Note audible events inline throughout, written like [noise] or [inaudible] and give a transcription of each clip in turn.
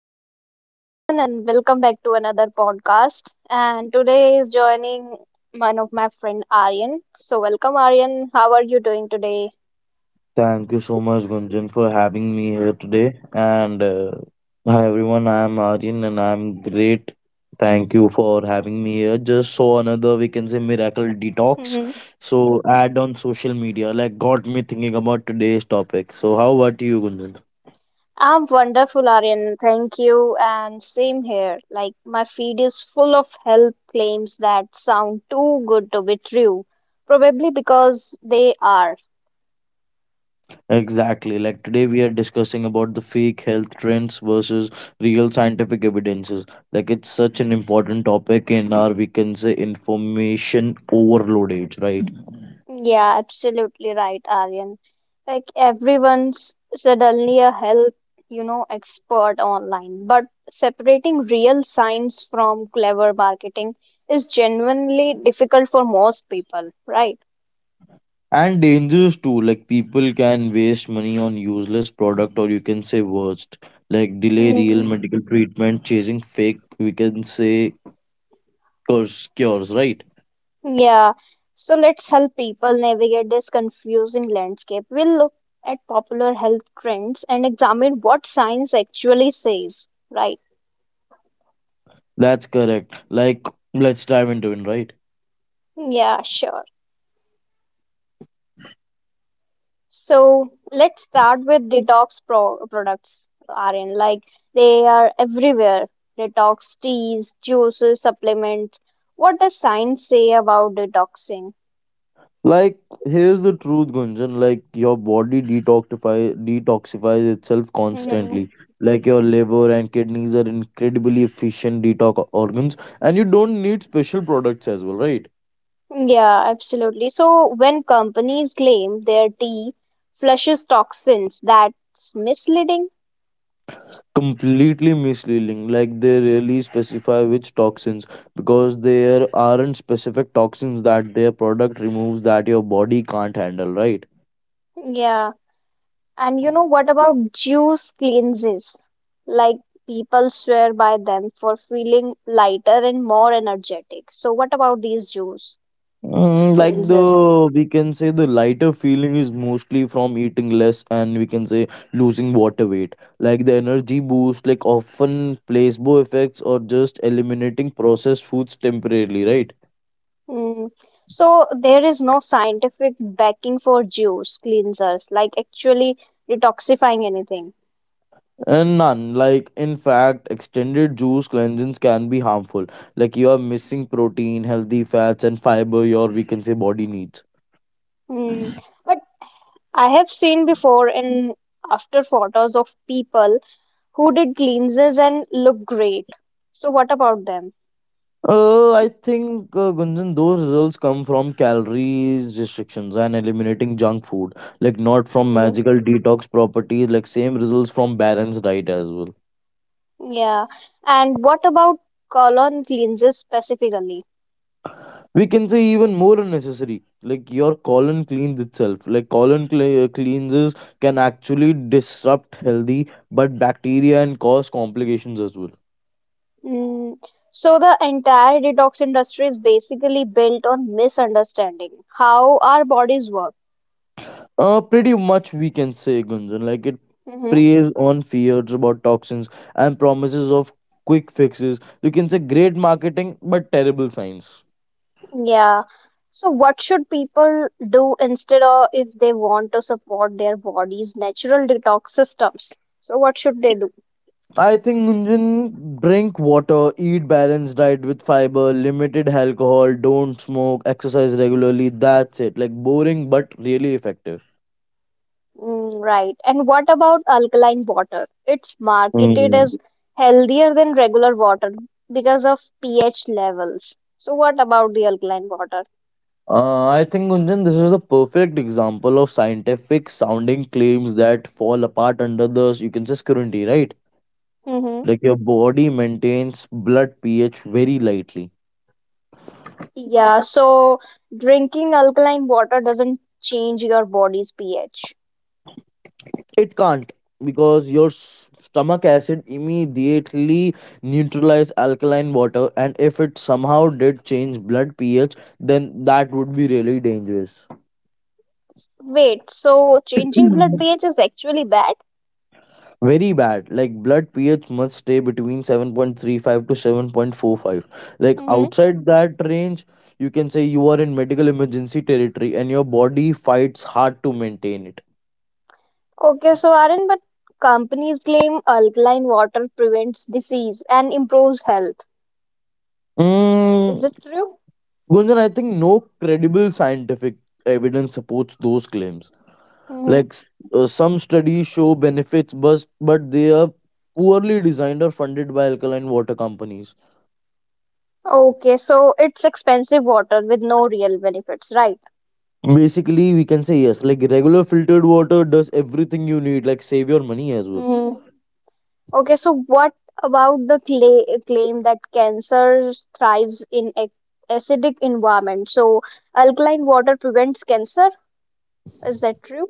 So, hello everyone, and welcome back to another podcast. And today is joining one of my friend Aryan. So, welcome Aryan. How are you doing today? Thank you so much, Gunjan, for having me here today. And Hi, everyone. I am Aryan, and I'm great. Thank you for having me here. Just saw another, we can say, miracle detox. Hmm. So, add on social media, like, got me thinking about today's topic. So, how about you, Gunjan? I'm wonderful, Aryan. Thank you. And same here. Like my feed is full of health claims that sound too good to be true. Probably because they are. Exactly. Like, today we are discussing about the fake health trends versus real scientific evidences. Like, it's such an important topic in our, we can say, information overload age, right? Yeah, absolutely right, Aryan. Like everyone's suddenly a health, expert online. But separating real science from clever marketing is genuinely difficult for most people, right? And dangerous too, like people can waste money on useless product, or you can say worst, like delay real Hmm. medical treatment chasing fake, we can say, curse cures, right? Yeah. So let's help people navigate this confusing landscape. We'll look at popular health trends and examine what science actually says, right? That's correct. Like, let's dive into it, right? Yeah, sure. So let's start with detox products, Aryan. Like they are everywhere. Detox teas, juices, supplements. What does science say about detoxing? Like, here's the truth, Gunjan. Like, your body detoxify detoxifies itself constantly. Hmm. Like, your liver and kidneys are incredibly efficient detox organs, and you don't need special products as well, right? Yeah, absolutely. So when companies claim their tea flushes toxins, that's misleading. Completely misleading. Like, they really specify which toxins, because there aren't specific toxins that their product removes that your body can't handle, right? Yeah. And you know what about juice cleanses? Like people swear by them for feeling lighter and more energetic. So what about these juice Mm, like, cleanses? the we can say the lighter feeling is mostly from eating less, and we can say losing water weight. Like, the energy boost, like, often placebo effects, or just eliminating processed foods temporarily, right? Mm. So there is no scientific backing for juice cleansers, like actually detoxifying anything. And none. Like, in fact, extended juice cleansings can be harmful. Like, you are missing protein, healthy fats, and fiber your, we can say, body needs. Mm. But I have seen before and after photos of people who did cleanses and look great. So what about them? I think, Gunjan, those results come from calories restrictions and eliminating junk food. Like, not from Hmm. magical detox properties. Like, same results from balanced diet as well. Yeah, and what about colon cleanses specifically? We can say even more unnecessary. Like, your colon cleans itself. Like, cleanses can actually disrupt healthy but bacteria and cause complications as well. Mm, so the entire detox industry is basically built on misunderstanding how our bodies work. Pretty much, we can say, Gunjan. Like, it Hmm. preys on fears about toxins and promises of quick fixes. You can say great marketing but terrible science. Yeah. So what should people do instead of if they want to support their body's natural detox systems? So what should they do? I think, Gunjan, drink water, eat balanced diet with fiber, limited alcohol, don't smoke, exercise regularly. That's it. Like, boring but really effective. Mm, right. And what about alkaline water? It's marketed Hmm. as healthier than regular water because of pH levels. So, what about the alkaline water? I think, Gunjan, this is a perfect example of scientific sounding claims that fall apart under the you can say scrutiny, right? Mm-hmm. Like, your body maintains blood pH very lightly. Yeah, so drinking alkaline water doesn't change your body's pH. It can't, because your stomach acid immediately neutralize alkaline water, and if it somehow did change blood pH, then that would be really dangerous. Wait, so changing blood pH is [clears throat] actually bad? Very bad. Like, blood pH must stay between 7.35 to 7.45. Like, Mm-hmm. outside that range, you can say you are in medical emergency territory, and your body fights hard to maintain it. Okay, so Aaron, but companies claim alkaline water prevents disease and improves health. Mm, Is it true? Gunjan, I think no credible scientific evidence supports those claims. Like s- some studies show benefits, but they are poorly designed or funded by alkaline water companies. Okay, so it's expensive water with no real benefits, right? Basically, we can say yes. Like, regular filtered water does everything you need. Like, save your money as well. Hmm. Okay, so what about the claim that cancer thrives in ac acidic environment? So alkaline water prevents cancer? Is that true?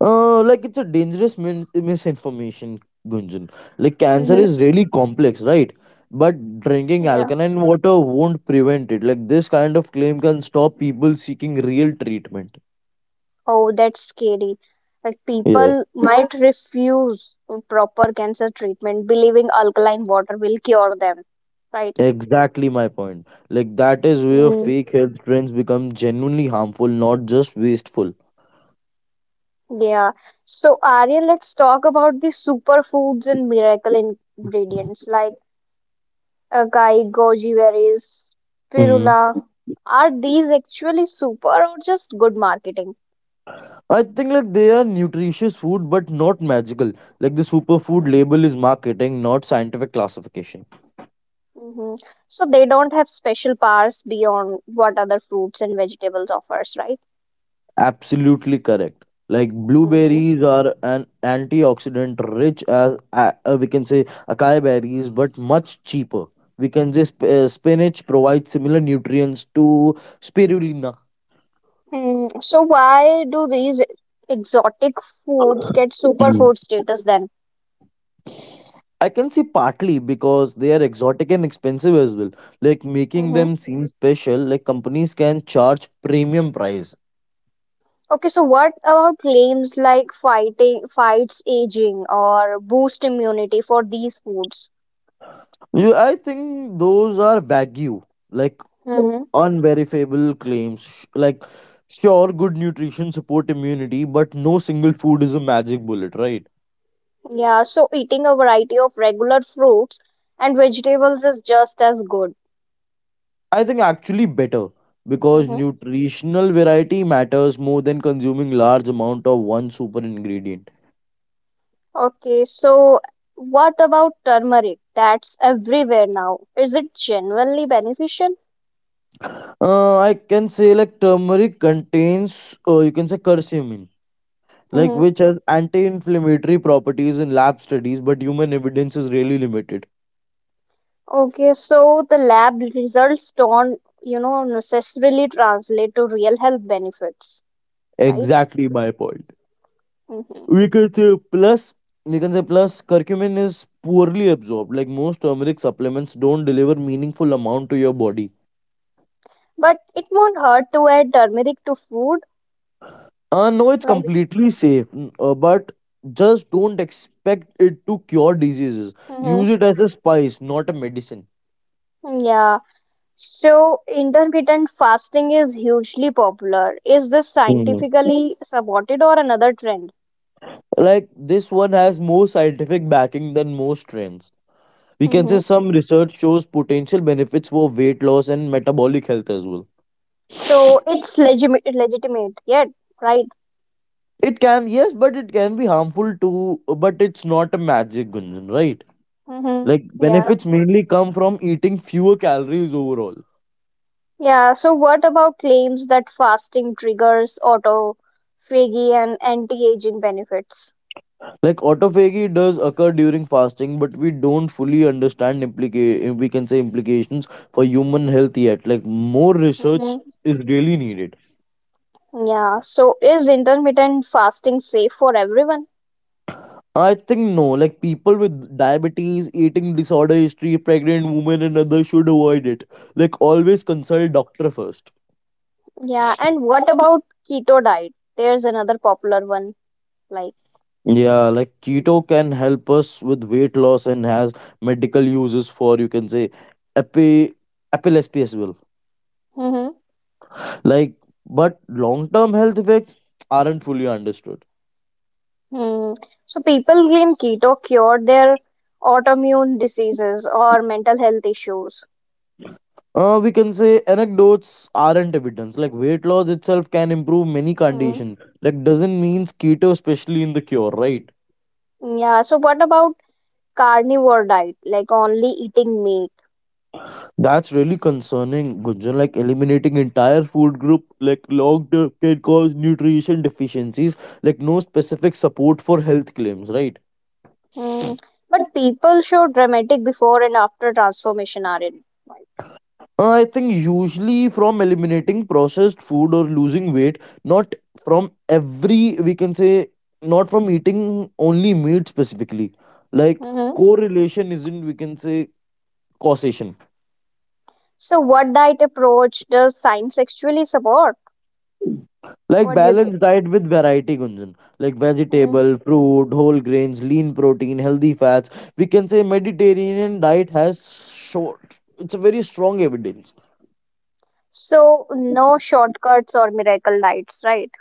Like, it's a dangerous misinformation, Gunjan. Like, cancer is Hmm. really complex, right? But drinking Yeah. alkaline water won't prevent it. Like, this kind of claim can stop people seeking real treatment. Oh, that's scary. Like Yeah. people might refuse proper cancer treatment, believing alkaline water will cure them, right? Exactly my point. Like, that is where fake health trends become genuinely harmful, not just wasteful. Yeah. So, Arya, let's talk about the superfoods and miracle ingredients like acai, goji berries, Mm. spirula. Are these actually super or just good marketing? I think, like, they are nutritious food but not magical. Like, the superfood label is marketing, not scientific classification. Hmm. So they don't have special powers beyond what other fruits and vegetables offers, right? Absolutely correct. Like, Hmm. blueberries are an antioxidant rich as we can say acai berries, but much cheaper. We can say spinach provides similar nutrients to spirulina. Mm, so why do these exotic foods get superfood status then? I can see partly because they are exotic and expensive as well, like making them seem special. Like, companies can charge premium price. Okay, so what about claims like fighting fights aging or boost immunity for these foods? I think those are wagyu, like Mm-hmm. unverifiable claims. Like, sure, good nutrition support immunity, but no single food is a magic bullet, right? Yeah, so eating a variety of regular fruits and vegetables is just as good. I think actually better, because Mm-hmm. nutritional variety matters more than consuming large amount of one super ingredient. Okay, so what about turmeric? That's everywhere now. Is it genuinely beneficial? I can say, like, turmeric contains, you can say curcumin, like, Mm-hmm. which has anti-inflammatory properties in lab studies, but human evidence is really limited. Okay, so the lab results don't, necessarily translate to real health benefits, right? Exactly my point. Mm-hmm. We can say plus, we can say plus curcumin is poorly absorbed. Like, most turmeric supplements don't deliver meaningful amount to your body. But it won't hurt to add turmeric to food. No, it's Like, completely safe, but just don't expect it to cure diseases. hmm, Use it as a spice, not a medicine. yeah. So, intermittent fasting is hugely popular. Is this scientifically supported or another trend? Like, this one has more scientific backing than most trends. We can say Hmm. some research shows potential benefits for weight loss and metabolic health as well. So, it's legitimate yet, right? It can, yes, but it can be harmful too, but it's not a magic, Gunjan, right? Hmm. Like, Yeah. benefits mainly come from eating fewer calories overall. Yeah, so what about claims that fasting triggers autophagy and anti-aging benefits? Like, autophagy does occur during fasting, but we don't fully understand we can say implications for human health yet. Like, more Hmm. research is really needed. Yeah, so is intermittent fasting safe for everyone? I think no. Like, people with diabetes, eating disorder history, pregnant women and others should avoid it. Like, always consult doctor first. Yeah, and what about keto diet? There's another popular one, like, Yeah, like, keto can help us with weight loss and has medical uses for, you can say, epi epilepsy as well. hmm. Like, but long term health effects aren't fully understood. Hmm. So people claim keto cured their autoimmune diseases or mental health issues. We can say anecdotes aren't evidence. Like, weight loss itself can improve many Mm. conditions. Like, doesn't means keto especially in the cure, right? Yeah, so what about carnivore diet, like only eating meat? That's really concerning, Gunjan. Like, eliminating entire food group, like, long term, can cause nutrition deficiencies. Like, no specific support for health claims, right? Mm. But people show dramatic before and after transformation are in. I think usually from eliminating processed food or losing weight, not from every we can say not from eating only meat specifically. Like, Mm-hmm. correlation isn't, we can say, causation. So what diet approach does science actually support? Like, What do you balanced diet with variety, Gunjan. Like, think? vegetable, fruit, whole grains, lean protein, healthy fats. We can say Mediterranean diet has short. It's a very strong evidence. So no shortcuts or miracle lights, right?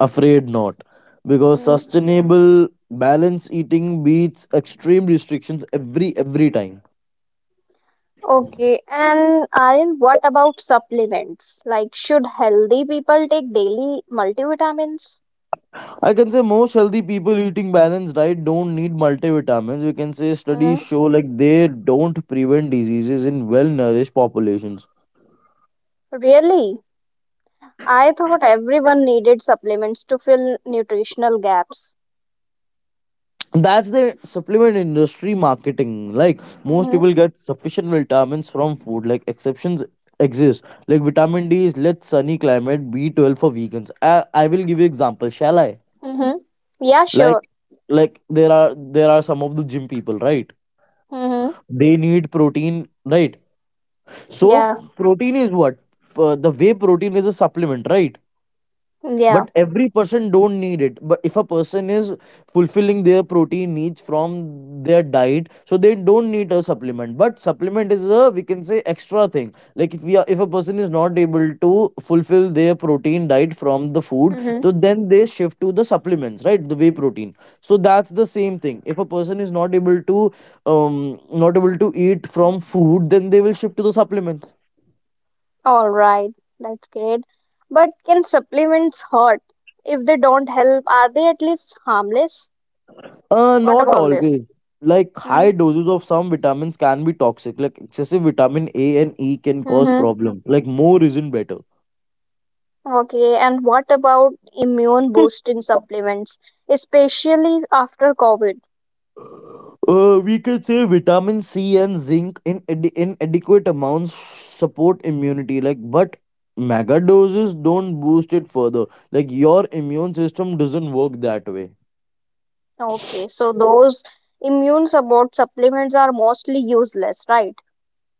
Afraid not, because Mm, sustainable balance eating beats extreme restrictions every time. okay. And Aryan, what about supplements? Like, should healthy people take daily multivitamins? I can say most healthy people eating balanced diet don't need multivitamins. We can say Mm, studies show like they don't prevent diseases in well nourished populations. really? I thought everyone needed supplements to fill nutritional gaps. That's the supplement industry marketing. Like, most Mm-hmm. people get sufficient vitamins from food. Like, exceptions exist. Like, vitamin D is let sunny climate, B12 for vegans. I will give you example, shall I? Mm-hmm. Yeah, sure. Like, there are some of the gym people, right? Mm-hmm. They need protein, right? So Yeah. protein is what? The whey protein is a supplement, right? Yeah. But every person don't need it. But if a person is fulfilling their protein needs from their diet, so they don't need a supplement. But supplement is a we can say extra thing. Like, if we are, if a person is not able to fulfill their protein diet from the food, Mm-hmm. so then they shift to the supplements, right? The whey protein. So that's the same thing. If a person is not able to not able to eat from food, then they will shift to the supplements. All right. That's great. But can supplements hurt? If they don't help, are they at least harmless? What Not about this? always. Like, high doses of some vitamins can be toxic. Like, excessive vitamin A and E can cause Mm-hmm. problems. Like, more isn't better. Okay, and what about immune [laughs] boosting supplements, especially after COVID? We can say vitamin C and zinc in inadequate amounts support immunity. Like, but mega doses don't boost it further. Like, your immune system doesn't work that way. Okay, so those immune support supplements are mostly useless, right?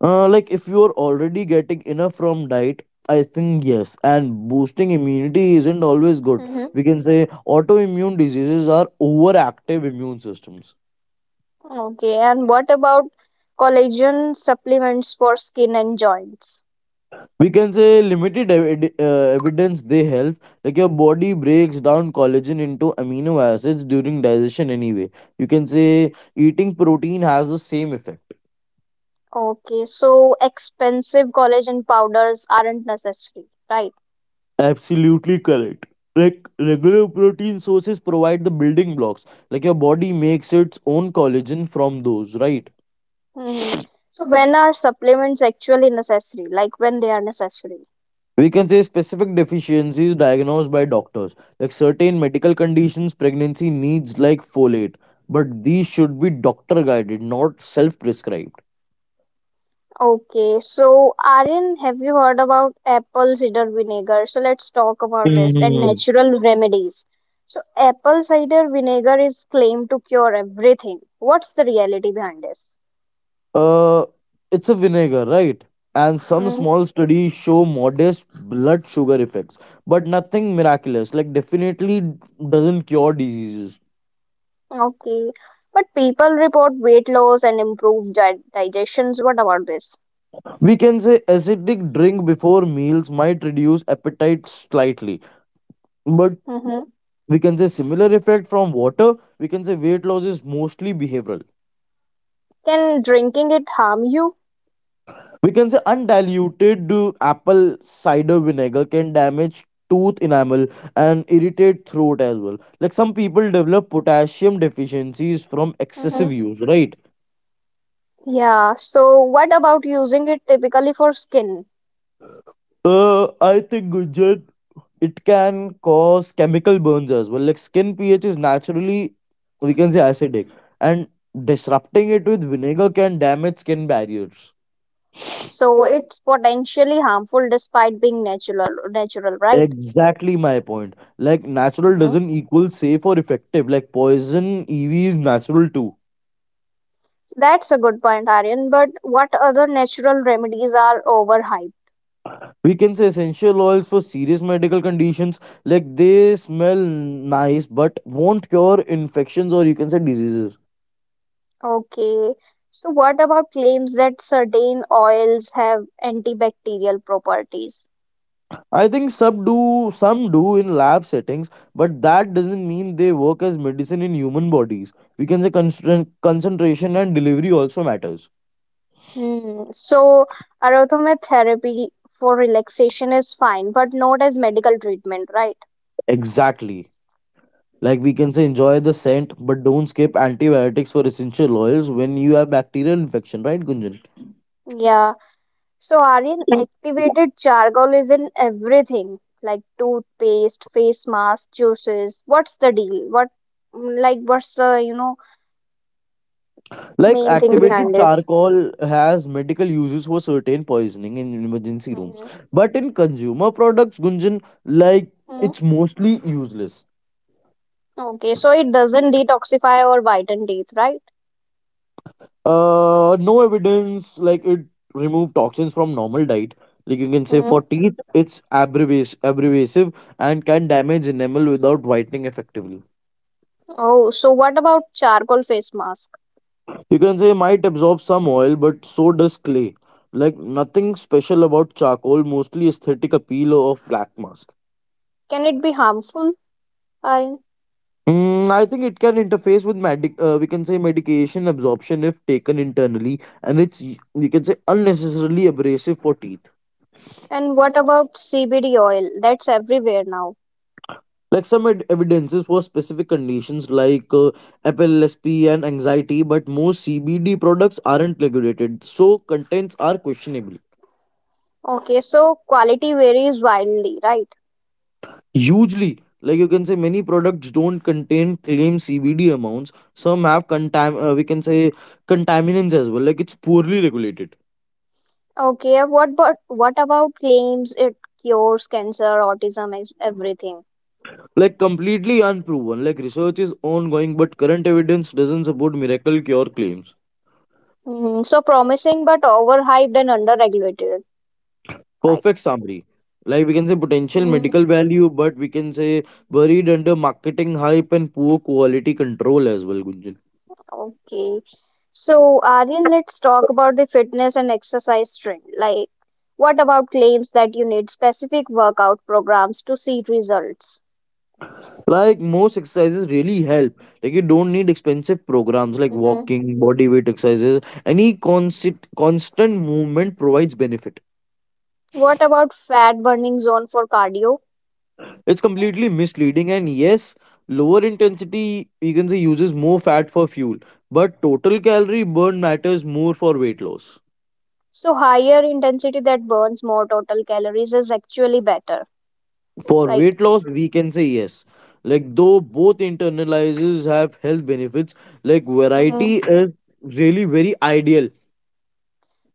Like, if you are already getting enough from diet, I think yes. And boosting immunity isn't always good. Mm-hmm. We can say autoimmune diseases are overactive immune systems. Okay, and what about collagen supplements for skin and joints? We can say limited evidence they help. Like, your body breaks down collagen into amino acids during digestion anyway. You can say eating protein has the same effect. Okay, so expensive collagen powders aren't necessary, right? Absolutely correct. Like, regular protein sources provide the building blocks. Like, your body makes its own collagen from those, right? Mm-hmm. So when are supplements actually necessary? Like when they are necessary? We can say specific deficiencies diagnosed by doctors, like certain medical conditions, pregnancy needs like folate, but these should be doctor guided, not self prescribed. Okay, so Aryan, have you heard about apple cider vinegar? So let's talk about this and natural remedies. So apple cider vinegar is claimed to cure everything. What's the reality behind this? Uh, it's a vinegar, right? And some Hmm. small studies show modest blood sugar effects, but nothing miraculous. Like, definitely doesn't cure diseases. Okay, but people report weight loss and improved di digestions. What about this? We can say acidic drink before meals might reduce appetite slightly, but Hmm. we can say similar effect from water. We can say weight loss is mostly behavioral. Can drinking it harm you? We can say undiluted apple cider vinegar can damage tooth enamel and irritate throat as well. Like, some people develop potassium deficiencies from excessive Hmm. use, right? Yeah, so what about using it typically for skin? I think, Gunjan, it can cause chemical burns as well. Like, skin pH is naturally, we can say, acidic, and disrupting it with vinegar can damage skin barriers. So it's potentially harmful despite being natural, right? Exactly my point. Like, natural Hmm. doesn't equal safe or effective. Like, poison EV is natural too. That's a good point, Aryan. But what other natural remedies are overhyped? We can say essential oils for serious medical conditions. Like, they smell nice but won't cure infections, or you can say diseases. Okay, so what about claims that certain oils have antibacterial properties? I think some do, in lab settings, but that doesn't mean they work as medicine in human bodies. We can say concentration and delivery also matters. Hmm. So aromatherapy for relaxation is fine but not as medical treatment, right? Exactly. Like, we can say, enjoy the scent, but don't skip antibiotics for essential oils when you have bacterial infection, right, Gunjan? Yeah. So, Aryan, activated charcoal is in everything like toothpaste, face mask, juices. What's the deal? Like, what's the, Like, main thing activated behind this? charcoal has medical uses for certain poisoning in emergency rooms, Mhm, but in consumer products, Gunjan, like, mhm. it's mostly useless. Okay, so it doesn't detoxify or whiten teeth, right? No evidence like it remove toxins from normal diet. Like, you can say for Mm. teeth, it's abrasive and can damage enamel without whitening effectively. Oh, so what about charcoal face mask? You can say might absorb some oil, but so does clay. Like, nothing special about charcoal, mostly aesthetic appeal of black mask. Can it be harmful, Aryan? Mm, I think it can interface with medic. We can say medication absorption if taken internally, and it's we can say unnecessarily abrasive for teeth. And what about CBD oil? That's everywhere now. Like, some evidences for specific conditions like FLSP and anxiety, but most CBD products aren't regulated, so contents are questionable. Okay, so quality varies wildly, right? Hugely. Like, you can say, many products don't contain claim CBD amounts. Some have contam we can say contaminants as well. Like, it's poorly regulated, Okay, what but what about claims it cures cancer, autism, everything? like completely unproven. Like, research is ongoing, but current evidence doesn't support miracle cure claims. Mm, so promising but overhyped and underregulated, right? Perfect summary. Like, we can say potential Mm, medical value, but we can say buried under marketing hype and poor quality control as well, Gunjan. okay. So Aryan, let's talk about the fitness and exercise trend. Like, what about claims that you need specific workout programs to see results? Like, most exercises really help. Like, you don't need expensive programs like Hmm. walking, body weight exercises. Any constant movement provides benefit. What about fat burning zone for cardio? It's completely misleading, and yes, lower intensity you can say uses more fat for fuel, but total calorie burn matters more for weight loss. So higher intensity that burns more total calories is actually better, For weight loss, we can say yes. Like, though both internalizers have health benefits, like right? variety is really very ideal.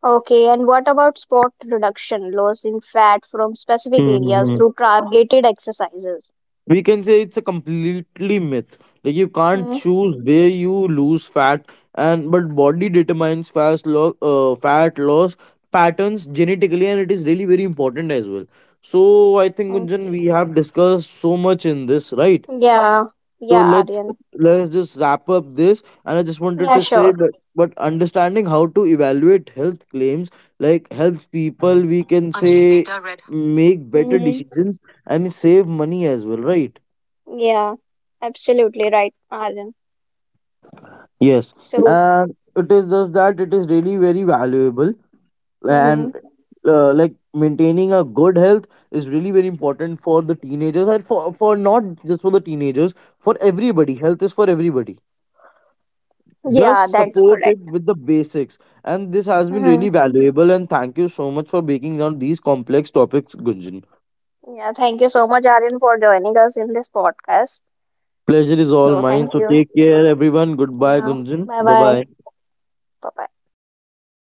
Okay, and what about spot reduction, loss in fat from specific areas through targeted exercises? We can say it's a completely myth. Like, you can't Hmm? choose where you lose fat, and but body determines fat loss patterns genetically, and it is really very important as well. So I think, Hmm. Gunjan, we have discussed so much in this, right? Yeah, So yeah, let's Aryan. let's just wrap up this, and I just wanted Yeah, to say, sure. but understanding how to evaluate health claims, like, helps people we can Until say data read. Make better Mm-hmm. decisions and save money as well, right? Yeah, absolutely right, Aryan. Yes, So, and it is just that it is really very valuable, hmm, and like, maintaining a good health is really very important for the teenagers, and for not just for the teenagers, for everybody. Health is for everybody. yeah, Just that's support it correct. with the basics, and this has been Hmm. really valuable. And thank you so much for breaking down these complex topics, Gunjan. Yeah, thank you so much, Aryan, for joining us in this podcast. Pleasure is all So, mine. thank So you. take care, everyone. Goodbye, Yeah, Gunjan. bye Bye bye. bye. Bye